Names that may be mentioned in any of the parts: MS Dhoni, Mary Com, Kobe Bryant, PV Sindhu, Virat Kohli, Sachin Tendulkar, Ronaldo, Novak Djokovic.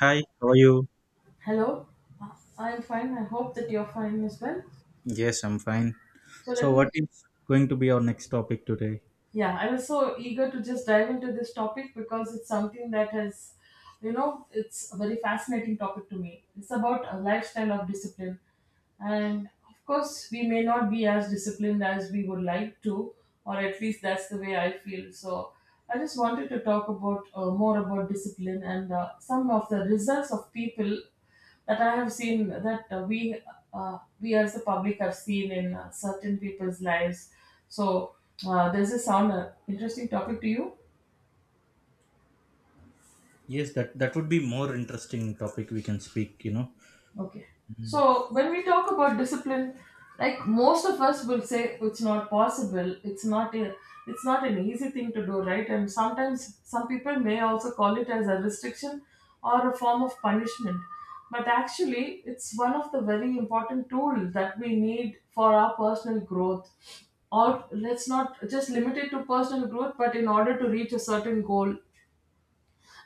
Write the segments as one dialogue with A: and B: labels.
A: Hi, how are you?
B: Hello. Uh, I'm fine. I hope that you're fine as well.
A: Yes, I'm fine.
B: So let
A: So,
B: me,
A: what is going to be our next topic today?
B: yeah, I was so eager to just dive into this topic because it's something that has, it's a very fascinating topic to me. It's about a lifestyle of discipline. And of course, we may not be as disciplined as we would like to, or at least that's the way I feel. So I just wanted to talk about more about discipline and some of the results of people that I have seen, that we as the public have seen in certain people's lives. So there's a sound interesting topic to you.
A: Yes, that would be more interesting topic we can speak. You know.
B: Okay.
A: Mm.
B: So when we talk about discipline, like most of us will say it's not possible, it's not an easy thing to do, right? And sometimes some people may also call it as a restriction or a form of punishment. But actually, it's one of the very important tools that we need for our personal growth. Or let's not just limit it to personal growth, but in order to reach a certain goal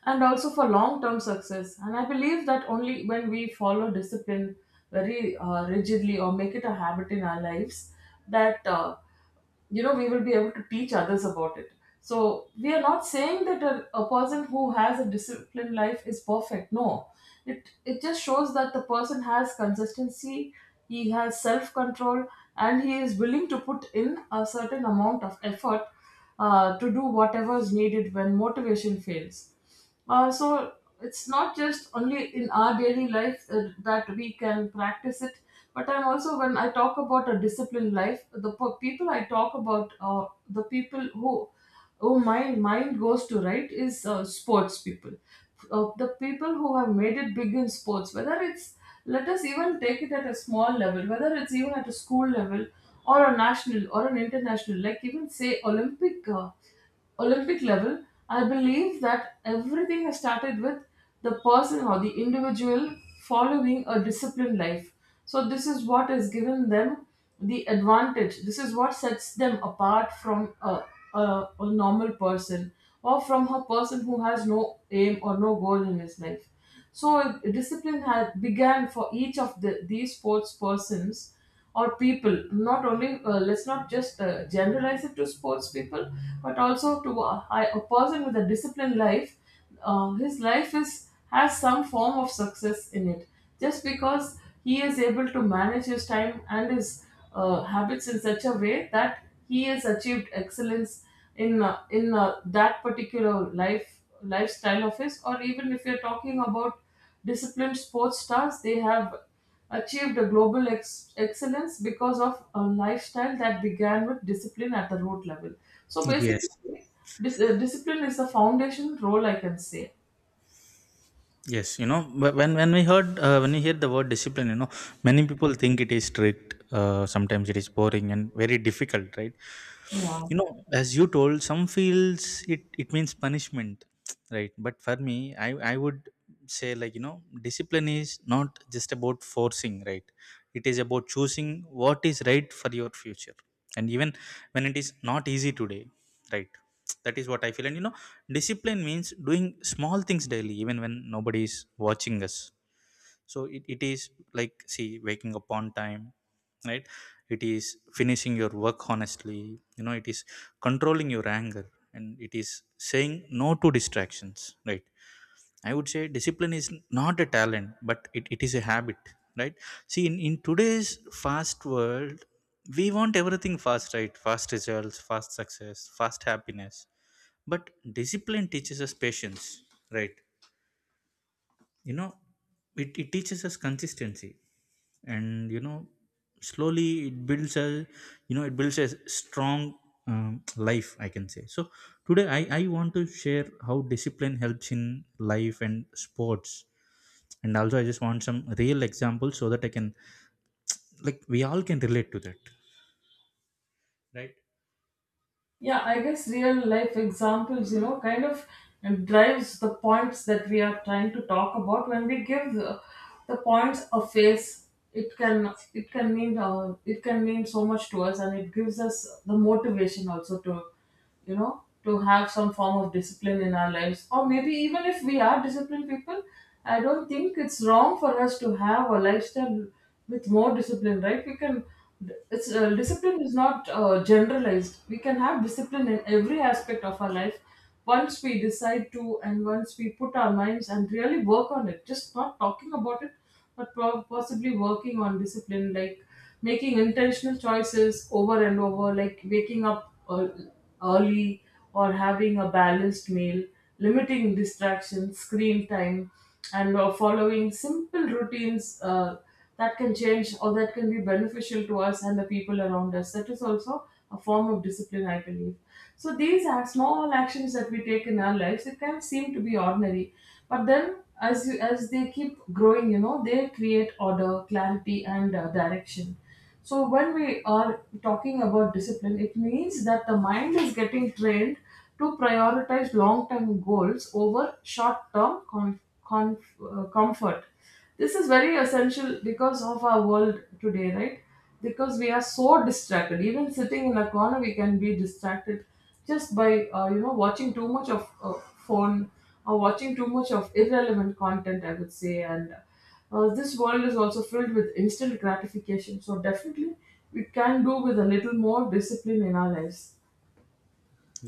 B: and also for long term success. And I believe that only when we follow discipline very rigidly, or make it a habit in our lives, that you know we will be able to teach others about it. So we are not saying that a person who has a disciplined life is perfect. No, it just shows that the person has consistency, he has self control, and he is willing to put in a certain amount of effort to do whatever is needed when motivation fails. So it's not just only in our daily life that we can practice it, but I'm also, when I talk about a disciplined life, people I talk about, the people who my mind goes to, right, is sports people, the people who have made it big in sports, whether it's, let us even take it at a small level, whether it's even at a school level or a national or an international, like even say Olympic. Olympic level, I believe that everything has started with the person or the individual following a disciplined life. So, this is what has given them the advantage. This is what sets them apart from a, a normal person, or from a person who has no aim or no goal in his life. So, discipline had began for each of these sports persons or people, not only let's not just generalize it to sports people, but also to a person with a disciplined life. His life is has some form of success in it just because he is able to manage his time and his habits in such a way that he has achieved excellence in that particular lifestyle of his, or even if you're talking about disciplined sports stars, they have achieved a global excellence because of a lifestyle that began with discipline at the root level. So basically,
A: Yes.
B: discipline is the foundation role, I can say.
A: Yes, you know, when we hear the word discipline, you know, many people think it is strict. Sometimes it is boring and very difficult, right?
B: Yeah.
A: You know, as you told, some feels it means punishment. Right, but for me, I would say, like, you know, discipline is not just about forcing, right? It is about choosing what is right for your future, and even when it is not easy today, right? That is what I feel. And, you know, discipline means doing small things daily, even when nobody is watching us. So it is like, see, waking up on time, right? It is finishing your work honestly, you know. It is controlling your anger, and it is saying no to distractions, right? I would say discipline is not a talent, but it is a habit, right? See, in today's fast world, we want everything fast, right? Fast results, fast success, fast happiness. But discipline teaches us patience, right? You know, it teaches us consistency, and, you know, slowly it builds a strong life, I can say. So today, I want to share how discipline helps in life and sports, and also I just want some real examples so that I can, like, we all can relate to that, right?
B: Yeah, I guess real life examples, kind of drives the points that we are trying to talk about. When we give the points a face, it can mean so much to us, and it gives us the motivation also to you know to have some form of discipline in our lives. Or maybe even if we are disciplined people, I don't think it's wrong for us to have a lifestyle with more discipline, right? We can, it's, discipline is not generalized. We can have discipline in every aspect of our life once we decide to, and once we put our minds and really work on it, just not talking about it, but possibly working on discipline, like making intentional choices over and over, like waking up early, or having a balanced meal, limiting distractions, screen time, and following simple routines that can change or that can be beneficial to us and the people around us. That is also a form of discipline, I believe. So these are small actions that we take in our lives. It can seem to be ordinary, but then, as they keep growing, they create order, clarity, and direction. So when we are talking about discipline, it means that the mind is getting trained to prioritize long-term goals over short-term comfort. This is very essential because of our world today, right? Because we are so distracted. Even sitting in a corner, we can be distracted just by watching too much of phone, or watching too much of irrelevant content, I would say. And this world is also filled with instant gratification. So definitely, we can do with a little more discipline in our lives.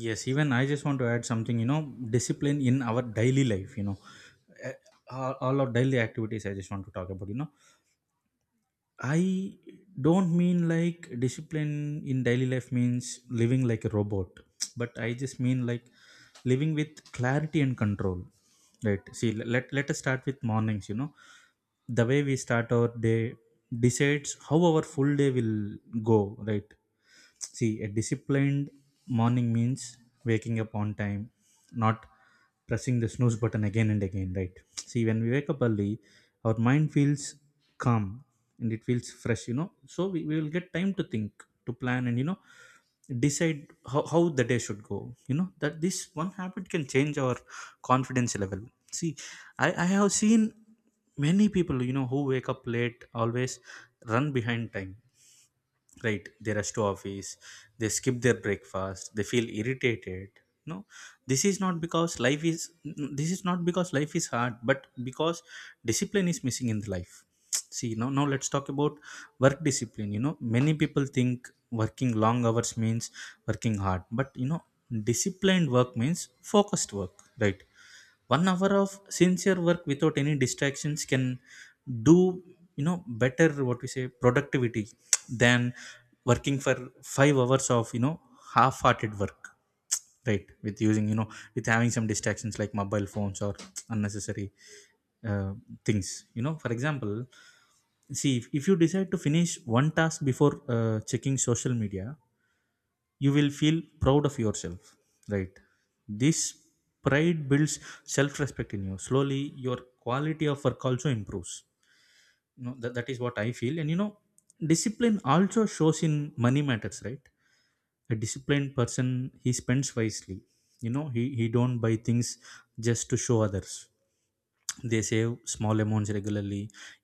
A: Yes, even I just want to add something, you know, discipline in our daily life, you know. Uh, all our daily activities I just want to talk about, you know. I don't mean, like, discipline in daily life means living like a robot, but I just mean, like, living with clarity and control. Right. See, let us start with mornings, you know. The way we start our day decides how our full day will go, right? See, a disciplined morning means waking up on time, not pressing the snooze button again and again, right? See, when we wake up early, our mind feels calm and it feels fresh, you know. So we will get time to think, to plan, and, you know, decide how the day should go. You know, that this one habit can change our confidence level. See, I have seen many people, you know, who wake up late, always run behind time, right? They rush to office, they skip their breakfast, they feel irritated. No, this is not because life is this is not because life is hard, but because discipline is missing in the life. See, now let's talk about work discipline. You know, many people think working long hours means working hard, but, you know, disciplined work means focused work, right? 1 hour of sincere work without any distractions can do, you know, better what we say productivity, than working for 5 hours of, you know, half-hearted work, right? with using you know With having some distractions like mobile phones or unnecessary uh, things, you know. For example, see, if you decide to finish one task before checking social media, you will feel proud of yourself, right? This pride builds self-respect in you. Slowly, your quality of work also improves, you know. That is what I feel. And, you know, discipline also shows in money matters, right? A disciplined person, he spends wisely, you know. He don't buy things just to show others. They save small amounts regularly.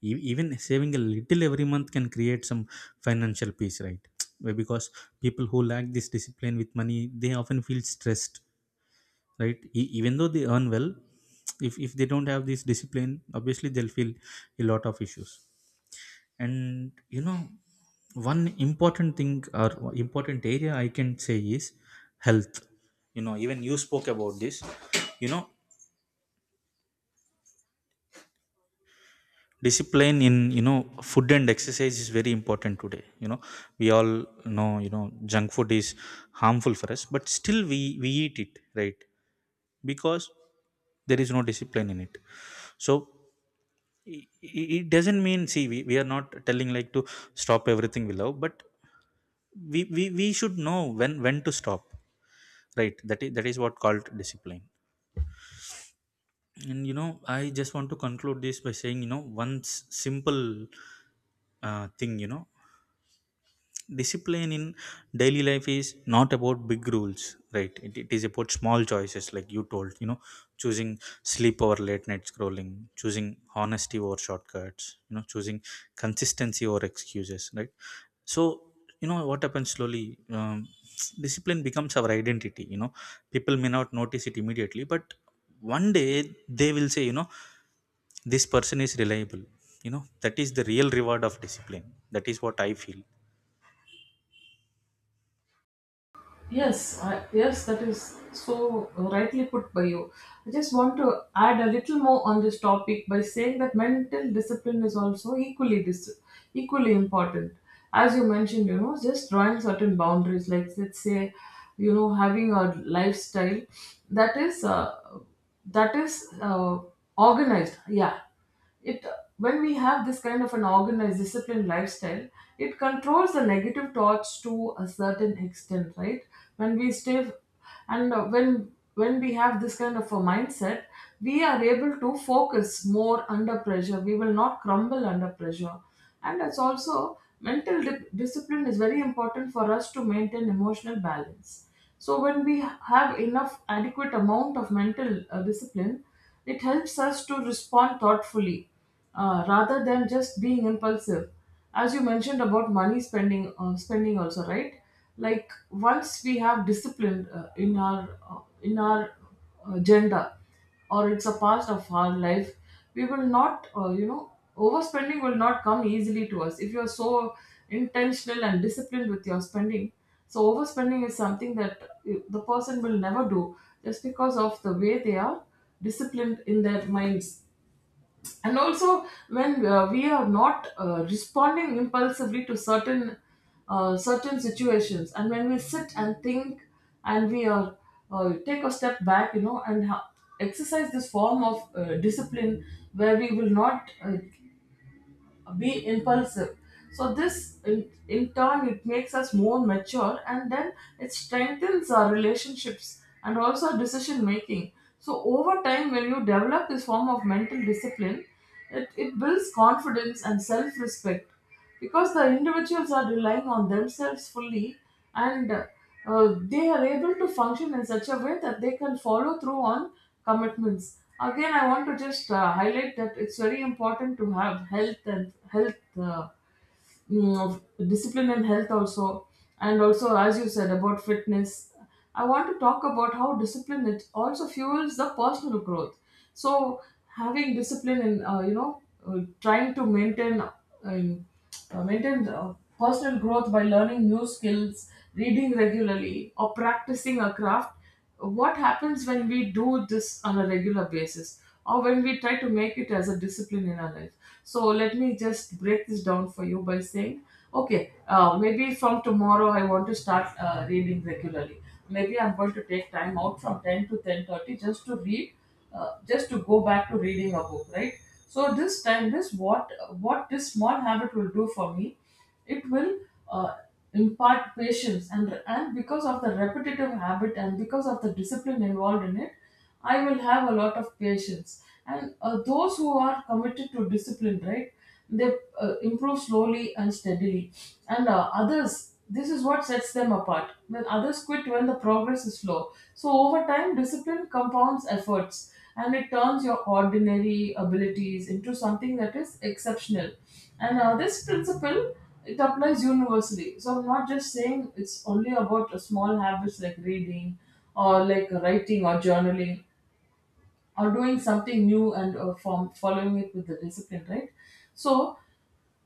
A: Even saving a little every month can create some financial peace, right? Because people who lack this discipline with money, they often feel stressed, right? Even though they earn well. If they don't have this discipline, obviously they'll feel a lot of issues. And, you know, one important thing, or important area, I can say, is health. You know, even you spoke about this, you know, discipline in, you know, food and exercise is very important today. You know, we all know, you know, junk food is harmful for us, but still we eat it, right? Because there is no discipline in it. So, i- it doesn't mean, see, we are not telling, like, to stop everything we love, but we should know when to stop, right? That is what called discipline. And, you know, I just want to conclude this by saying, you know, one simple thing, you know. Discipline in daily life is not about big rules, right? It is about small choices. Like you told, you know, choosing sleep over late night scrolling, choosing honesty over shortcuts, you know, choosing consistency over excuses, right? So, you know, what happens slowly, discipline becomes our identity, you know. People may not notice it immediately, but one day they will say, you know, this person is reliable, you know. That is the real reward of discipline. That is what I feel.
B: Yes, yes, that is so rightly put by you. I just want to add a little more on this topic by saying that mental discipline is also equally important. As you mentioned, just drawing certain boundaries, like let's say, having a lifestyle that is uh, that is organized. Yeah, it when we have this kind of an organized disciplined lifestyle, it controls the negative thoughts to a certain extent, right? When we stay, and when we have this kind of a mindset, we are able to focus more under pressure, we will not crumble under pressure. And that's also, mental discipline is very important for us to maintain emotional balance. So when we have enough adequate amount of mental discipline, it helps us to respond thoughtfully, rather than just being impulsive. As you mentioned about money spending also, right? Like once we have discipline in our agenda, or it's a part of our life, we will not, overspending will not come easily to us. If you're so intentional and disciplined with your spending, so overspending is something that the person will never do just because of the way they are disciplined in their minds. And also, when we are not responding impulsively to certain situations, and when we sit and think, and we are take a step back, and exercise this form of discipline, where we will not be impulsive. So this in turn it makes us more mature, and then it strengthens our relationships and also our decision making. So over time, when you develop this form of mental discipline, it builds confidence and self-respect because the individuals are relying on themselves fully, and they are able to function in such a way that they can follow through on commitments. Again, I want to just highlight that it's very important to have health, and health, mm, discipline and health also. And also, as you said about fitness, I want to talk about how discipline, it also fuels the personal growth. So having discipline, and trying to maintain personal growth by learning new skills, reading regularly or practicing a craft. What happens when we do this on a regular basis, or when we try to make it as a discipline in our life? So let me just break this down for you by saying: okay, maybe from tomorrow I want to start reading regularly. Maybe I'm going to take time out from 10 to 10:30 just to read, just to go back to reading a book, right? So this time this what this small habit will do for me, it will uh, impart patience. And because of the repetitive habit and because of the discipline involved in it, I will have a lot of patience. And those who are committed to discipline, right, they improve slowly and steadily. And others, this is what sets them apart when others quit when the progress is slow. So over time, discipline compounds efforts and it turns your ordinary abilities into something that is exceptional. And this principle, it applies universally. So I'm not just saying it's only about a small habits like reading, or like writing or journaling, or doing something new and from following it with the discipline, right? So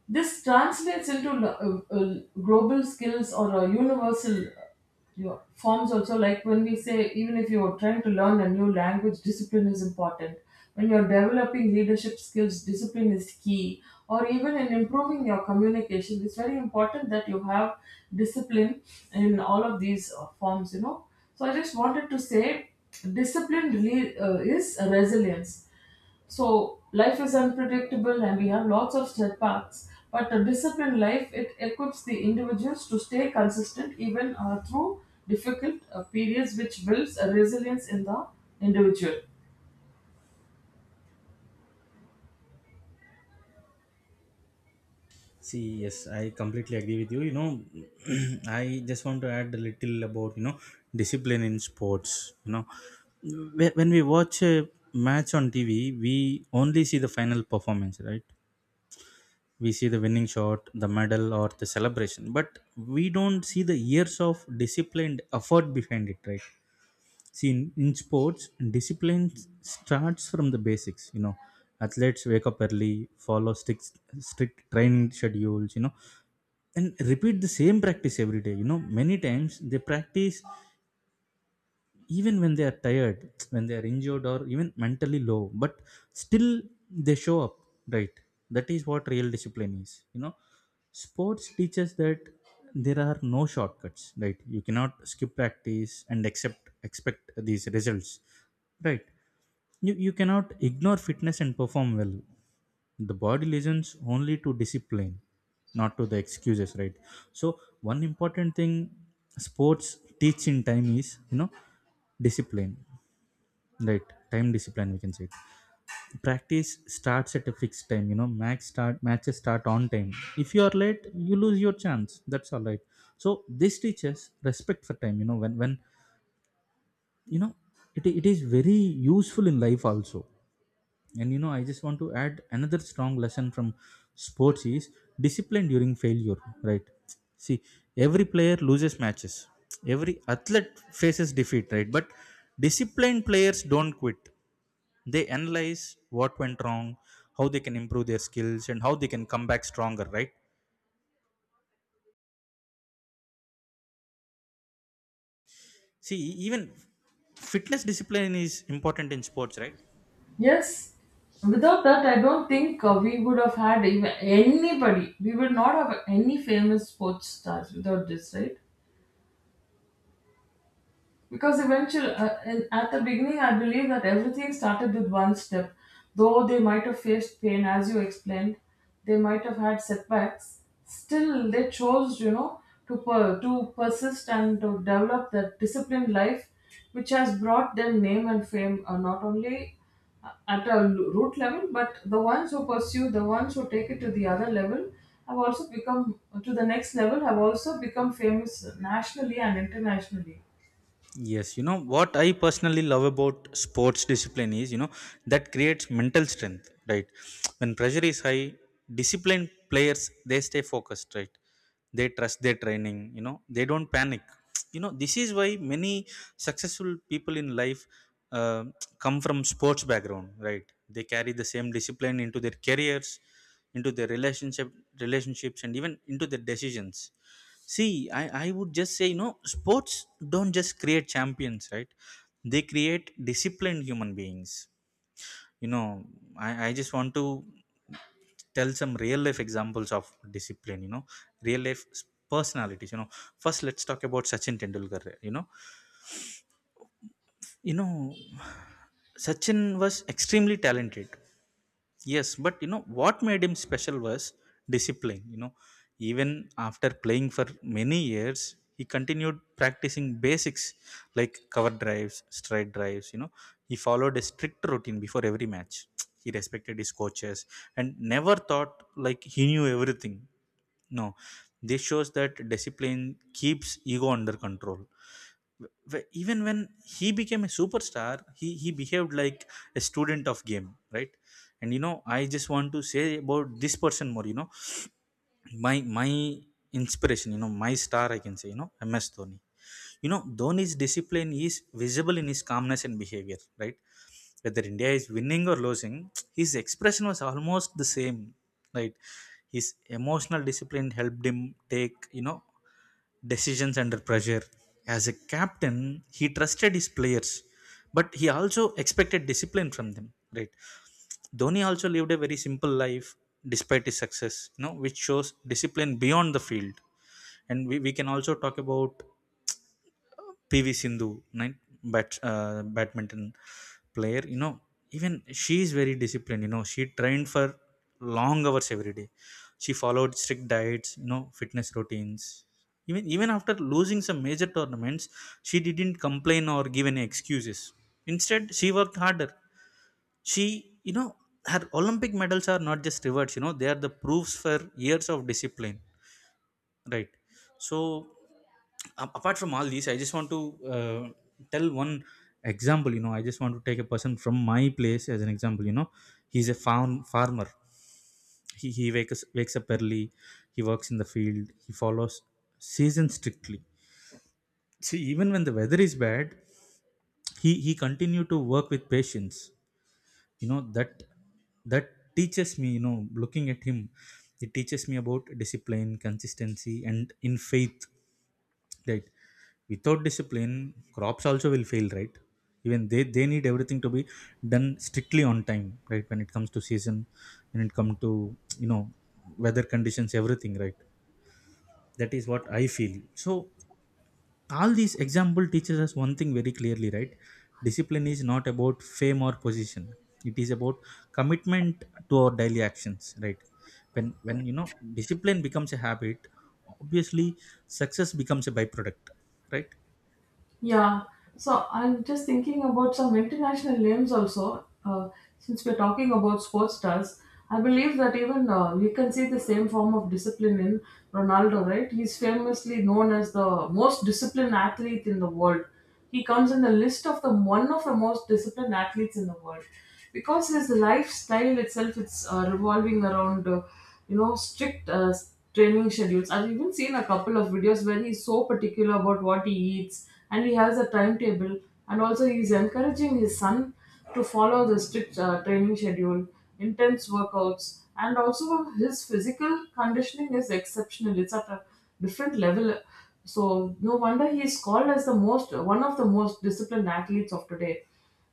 B: this translates into global skills, or universal your forms also. Like when we say, even if you're trying to learn a new language, discipline is important. When you're developing leadership skills, discipline is key. Or even in improving your communication, it's very important that you have discipline in all of these forms, So I just wanted to say discipline really is resilience. So life is unpredictable and we have lots of setbacks. But a disciplined life, it equips the individuals to stay consistent even through difficult periods, which builds a resilience in the individual.
A: See, yes, I completely agree with you. You know, I just want to add a little about, you know, discipline in sports. You know, when we watch a match on TV, we only see the final performance, right? We see the winning shot, the medal, or the celebration, but we don't see the years of disciplined effort behind it, right? See, in sports, discipline starts from the basics. You know, athletes wake up early, follow strict training schedules. You know, and repeat the same practice every day, you know. Many times they practice even when they are tired, when they are injured, or even mentally low, but still they show up, right? That is what real discipline is, you know. Sports teaches that there are no shortcuts, right? You cannot skip practice and accept expect these results, right? You cannot ignore fitness and perform well. The body listens only to discipline, not to the excuses, right? So, one important thing sports teach in time is, you know, discipline, right? Time discipline, we can say it. Practice starts at a fixed time, you know. Max start matches start on time. If you are late, you lose your chance, that's all right. So this teaches respect for time, you know, when you know, it is very useful in life also. And, you know, I just want to add another strong lesson from sports is discipline during failure, right? See, every player loses matches, every athlete faces defeat, right? But disciplined players don't quit. They analyze what went wrong, how they can improve their skills, and how they can come back stronger, right? See, even fitness discipline is important in sports, right?
B: Yes, without that, I don't think we would have had even anybody. We would not have any famous sports stars without this, right? Because eventually, at the beginning, I believe that everything started with one step. Though they might have faced pain, as you explained, they might have had setbacks. Still, they chose, you know, to persist and to develop that disciplined life, which has brought them name and fame, not only at a root level, but the ones who pursue, the ones who take it to the other level, have also become to the next level, have also become famous nationally and internationally.
A: Yes, you know what I personally love about sports discipline is, you know, that creates mental strength, right? When pressure is high, disciplined players, they stay focused, right? They trust their training, you know, they don't panic. You know, this is why many successful people in life uh, come from sports background, right? They carry the same discipline into their careers, into their relationships, and even into their decisions. See, I would just say, you know, sports don't just create champions, right? They create disciplined human beings. You know, I just want to tell some real life examples of discipline, you know, real life personalities. You know, first let's talk about Sachin Tendulkar, you know. You know, Sachin was extremely talented. Yes, but you know what made him special was discipline. You know, even after playing for many years, he continued practicing basics like cover drives, straight drives. You know, he followed a strict routine before every match. He respected his coaches and never thought like he knew everything. No, this shows that discipline keeps ego under control. Even when he became a superstar, he behaved like a student of game, right? And, you know, I just want to say about this person more, you know. My inspiration, you know, my star, I can say, you know, MS Dhoni. You know, Dhoni's discipline is visible in his calmness and behavior, right? Whether India is winning or losing, his expression was almost the same, right? His emotional discipline helped him take, you know, decisions under pressure. As a captain, he trusted his players, but he also expected discipline from them. Right? Dhoni also lived a very simple life despite his success, you know, which shows discipline beyond the field. And we can also talk about PV Sindhu, right? Badminton player. You know, even she is very disciplined. You know, she trained for long hours every day. She followed strict diets. You know, fitness routines. Even after losing some major tournaments, she didn't complain or give any excuses. Instead, she worked harder. She, her Olympic medals are not just rewards. You know, they are the proofs for years of discipline. Right. So apart from all these, I just want to tell one example. You know, I just want to take a person from my place as an example. You know, he's a farmer. He wakes up early. He works in the field. He follows season strictly. See, even when the weather is bad, he continue to work with patience. You know that teaches me. You know, looking at him, it teaches me about discipline, consistency, and in faith, right? Without discipline, crops also will fail, right? Even they need everything to be done strictly on time, right? When it comes to season, when it comes to, weather conditions, everything, right? That is what I feel. So all these example teaches us one thing very clearly, right? Discipline is not about fame or position, it is about commitment to our daily actions, right? When discipline becomes a habit, obviously success becomes a byproduct, right?
B: Yeah, so I'm just thinking about some international names also. Since we're talking about sports stars, I believe that even you can see the same form of discipline in Ronaldo, right? He's famously known as the most disciplined athlete in the world. He comes in the list of the one of the most disciplined athletes in the world because his lifestyle itself it's revolving around you know strict training schedules. I've even seen a couple of videos where he's so particular about what he eats and he has a timetable, and also he's encouraging his son to follow the strict training schedule, intense workouts, and also his physical conditioning is exceptional. It's at a different level. So no wonder he is called as the most one of the most disciplined athletes of today.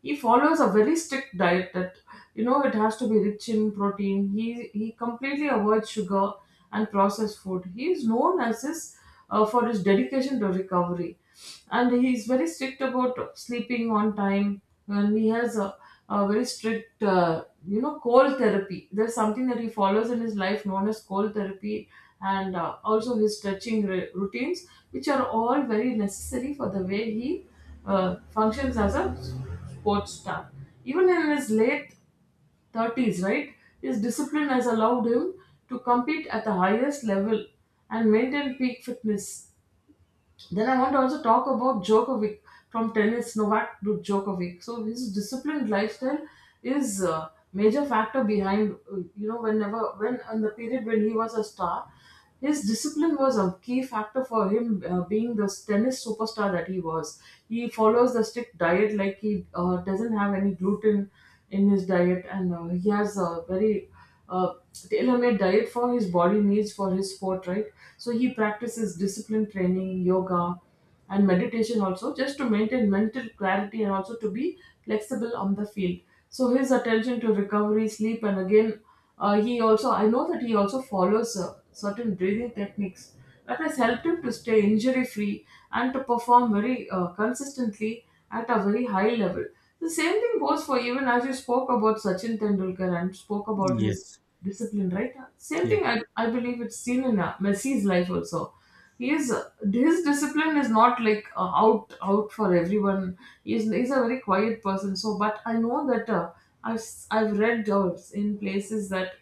B: He follows a very strict diet that you know it has to be rich in protein. He completely avoids sugar and processed food. He is known as his for his dedication to recovery, and he's very strict about sleeping on time, and he has a very strict you know cold therapy, there's something that he follows in his life known as cold therapy, and also his stretching routines, which are all very necessary for the way he functions as a sports star. Even in his late 30s, right, his discipline has allowed him to compete at the highest level and maintain peak fitness. Then I want to also talk about Djokovic, from tennis, Novak to Djokovic. So his disciplined lifestyle is a major factor behind, in the period when he was a star, his discipline was a key factor for him being the tennis superstar that he was. He follows the strict diet, like he doesn't have any gluten in his diet, and he has a very uh, tailor-made diet for his body needs for his sport, right? So he practices discipline training, yoga, and meditation also just to maintain mental clarity and also to be flexible on the field. So his attention to recovery, sleep, and again, he also I know that he also follows certain breathing techniques that has helped him to stay injury free and to perform very consistently at a very high level. The same thing goes for, even as you spoke about Sachin Tendulkar and spoke about his
A: Yes,
B: discipline, right? Same thing
A: yes,
B: I believe it's seen in Messi's life also. He is His discipline is not like out for everyone. He's a very quiet person. So, but I know that I've read in places that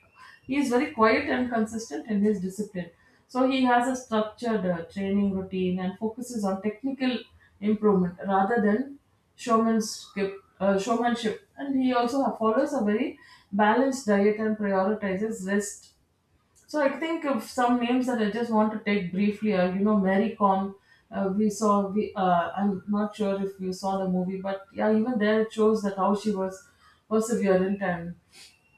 B: he is very quiet and consistent in his discipline. So he has a structured training routine and focuses on technical improvement rather than showmanship. And he also follows a very balanced diet and prioritizes rest. So I think of some names that I just want to take briefly are, you know, Mary Com. We saw, I'm not sure if you saw the movie, but yeah, even there it shows that how she was perseverant and,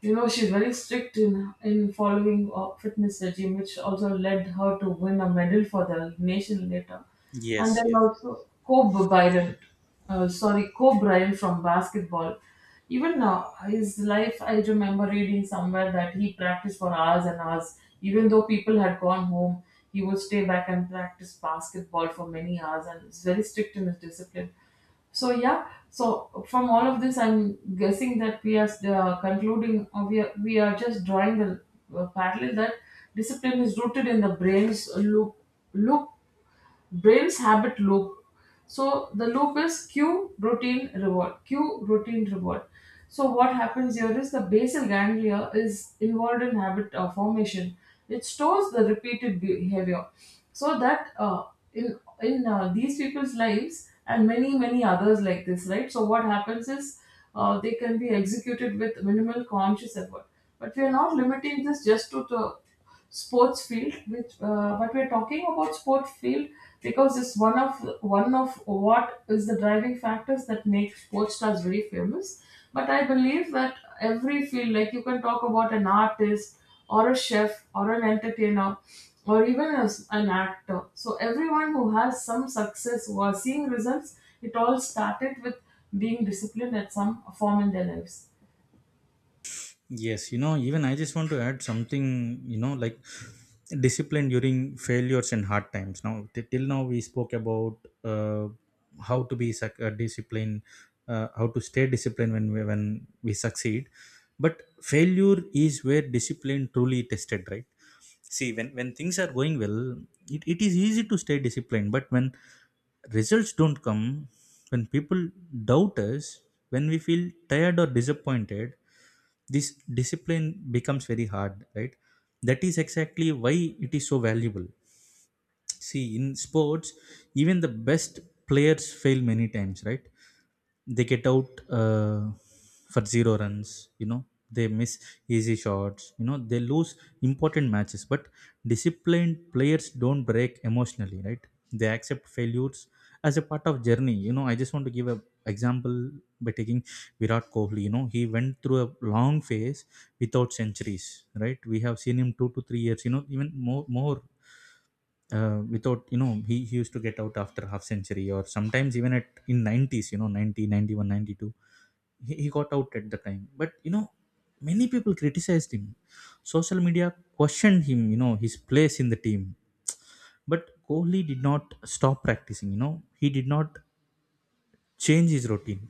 B: you know, she's very strict in following a fitness regime, which also led her to win a medal for the nation later, and
A: yes,
B: then
A: yes,
B: also Kobe Bryant, Kobe Bryant from basketball. Even now, his life, I remember reading somewhere that he practiced for hours and hours. Even though people had gone home, he would stay back and practice basketball for many hours, and is very strict in his discipline. So yeah, so from all of this, I'm guessing that we are concluding, we are just drawing the parallel that discipline is rooted in the loop brain's habit loop. So the loop is cue routine reward, cue routine reward. So what happens here is the basal ganglia is involved in habit formation. It stores the repeated behavior, so that in these people's lives and many many others like this, right? So what happens is they can be executed with minimal conscious effort. But we are not limiting this just to the sports field, which but we're talking about sport field because it's one of what is the driving factors that make sports stars very famous. But I believe that every field, like you can talk about an artist or a chef or an entertainer or even as an actor, so everyone who has some success or seeing results, it all started with being disciplined at some form in their lives.
A: yes. You know, even I just want to add something, you know, like discipline during failures and hard times. Now, till now, we spoke about uh, how to be disciplined, how to stay disciplined when when we succeed. But failure is where discipline truly tested, right? See, when things are going well, it is easy to stay disciplined, but when results don't come, when people doubt us, when we feel tired or disappointed, this discipline becomes very hard, right? That is exactly why it is so valuable. See, in sports, even the best players fail many times, right? They get out for zero runs, you know, they miss easy shots, you know, they lose important matches. But disciplined players don't break emotionally, right? They accept failures as a part of journey. You know, I just want to give a example by taking Virat Kohli. You know, he went through a long phase without centuries, right? We have seen him 2 to 3 years, you know, even more more without, you know, he used to get out after half century or sometimes even at in 90s, you know, 90 91 92, he got out at the time. But you know, many people criticized him, social media questioned him, you know, his place in the team. But Kohli did not stop practicing. You know, he did not change his routine.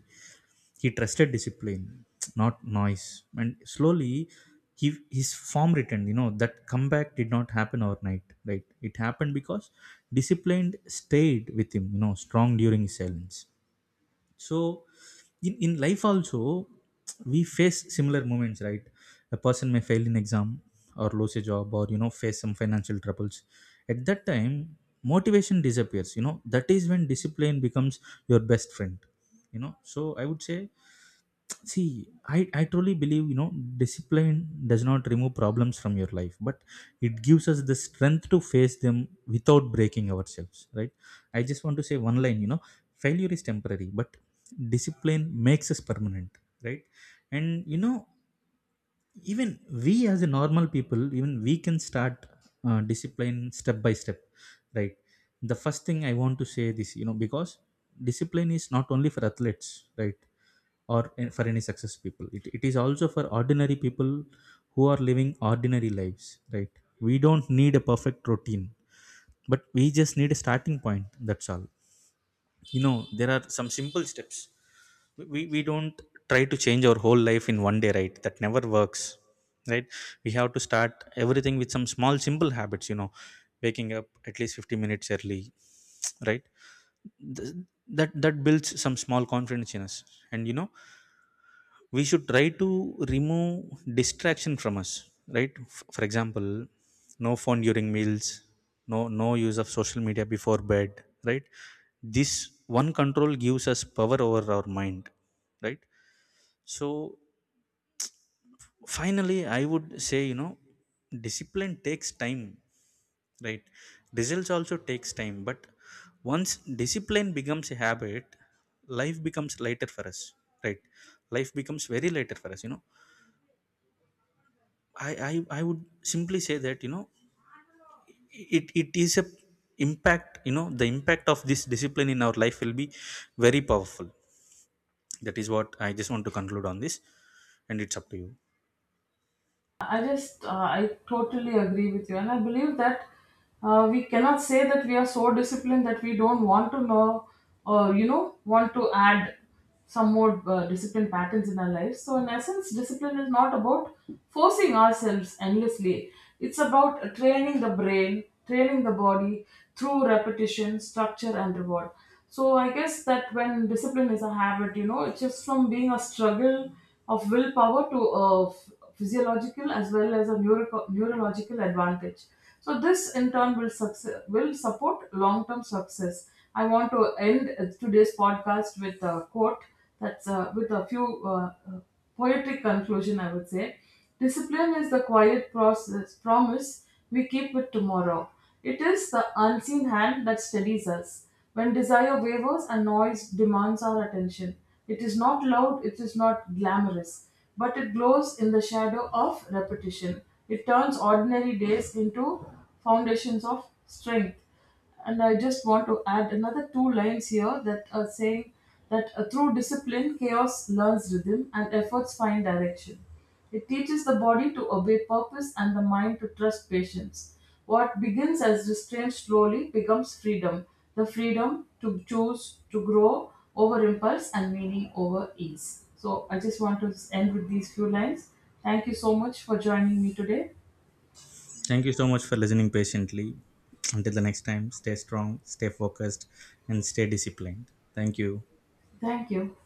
A: He trusted discipline, not noise. And slowly, his form returned. You know, that comeback did not happen overnight, right? It happened because discipline stayed with him, you know, strong during his silence. So, in life also, we face similar moments, right? A person may fail in exam, or lose a job, or, you know, face some financial troubles. At that time, motivation disappears. You know, that is when discipline becomes your best friend. You know, so I would say, see, I truly believe, you know, discipline does not remove problems from your life, but it gives us the strength to face them without breaking ourselves, right? I just want to say one line, you know, failure is temporary, but discipline makes us permanent, right? And, you know, even we as a normal people, even we can start discipline step by step, right? The first thing I want to say this, you know, because discipline is not only for athletes, right? Or for any success people, it is also for ordinary people who are living ordinary lives, right? We don't need a perfect routine, but we just need a starting point, that's all. You know, there are some simple steps. We don't try to change our whole life in one day, right? That never works, right? We have to start everything with some small simple habits. You know, waking up at least 50 minutes early, right? Th- that builds some small confidence in us. And, you know, we should try to remove distraction from us, right? For example, no phone during meals, no use of social media before bed, right? This one control gives us power over our mind, right? So finally I would say, you know, discipline takes time, right? Results also takes time. But once discipline becomes a habit, life becomes lighter for us, right? Life becomes very lighter for us. You know, I, I would simply say that, you know, it is a impact, you know, the impact of this discipline in our life will be very powerful. That is what I just want to conclude on this, and it's up to you.
B: I totally agree with you. And I believe that we cannot say that we are so disciplined that we don't want to know or, you know, want to add some more discipline patterns in our lives. So, in essence, discipline is not about forcing ourselves endlessly, it's about training the brain, training the body through repetition, structure, and reward. So, I guess that when discipline is a habit, you know, it's just from being a struggle of willpower to a physiological as well as a neurological advantage. So this in turn will success will support long term success. I want to end today's podcast with a quote that's with a few uh, poetic conclusion. I would say, discipline is the quiet process promise we keep with tomorrow. It is the unseen hand that steadies us. When desire wavers and noise demands our attention, it is not loud, it is not glamorous, but it glows in the shadow of repetition. It turns ordinary days into foundations of strength. And I just want to add another two lines here that are saying that through discipline, chaos learns rhythm and efforts find direction. It teaches the body to obey purpose and the mind to trust patience. What begins as restraint slowly becomes freedom, the freedom to choose to grow over impulse and meaning over ease. So, I just want to end with these few lines. Thank you so much for joining me today.
A: Thank you so much for listening patiently. Until the next time, stay strong, stay focused, and stay disciplined. Thank you.
B: Thank you.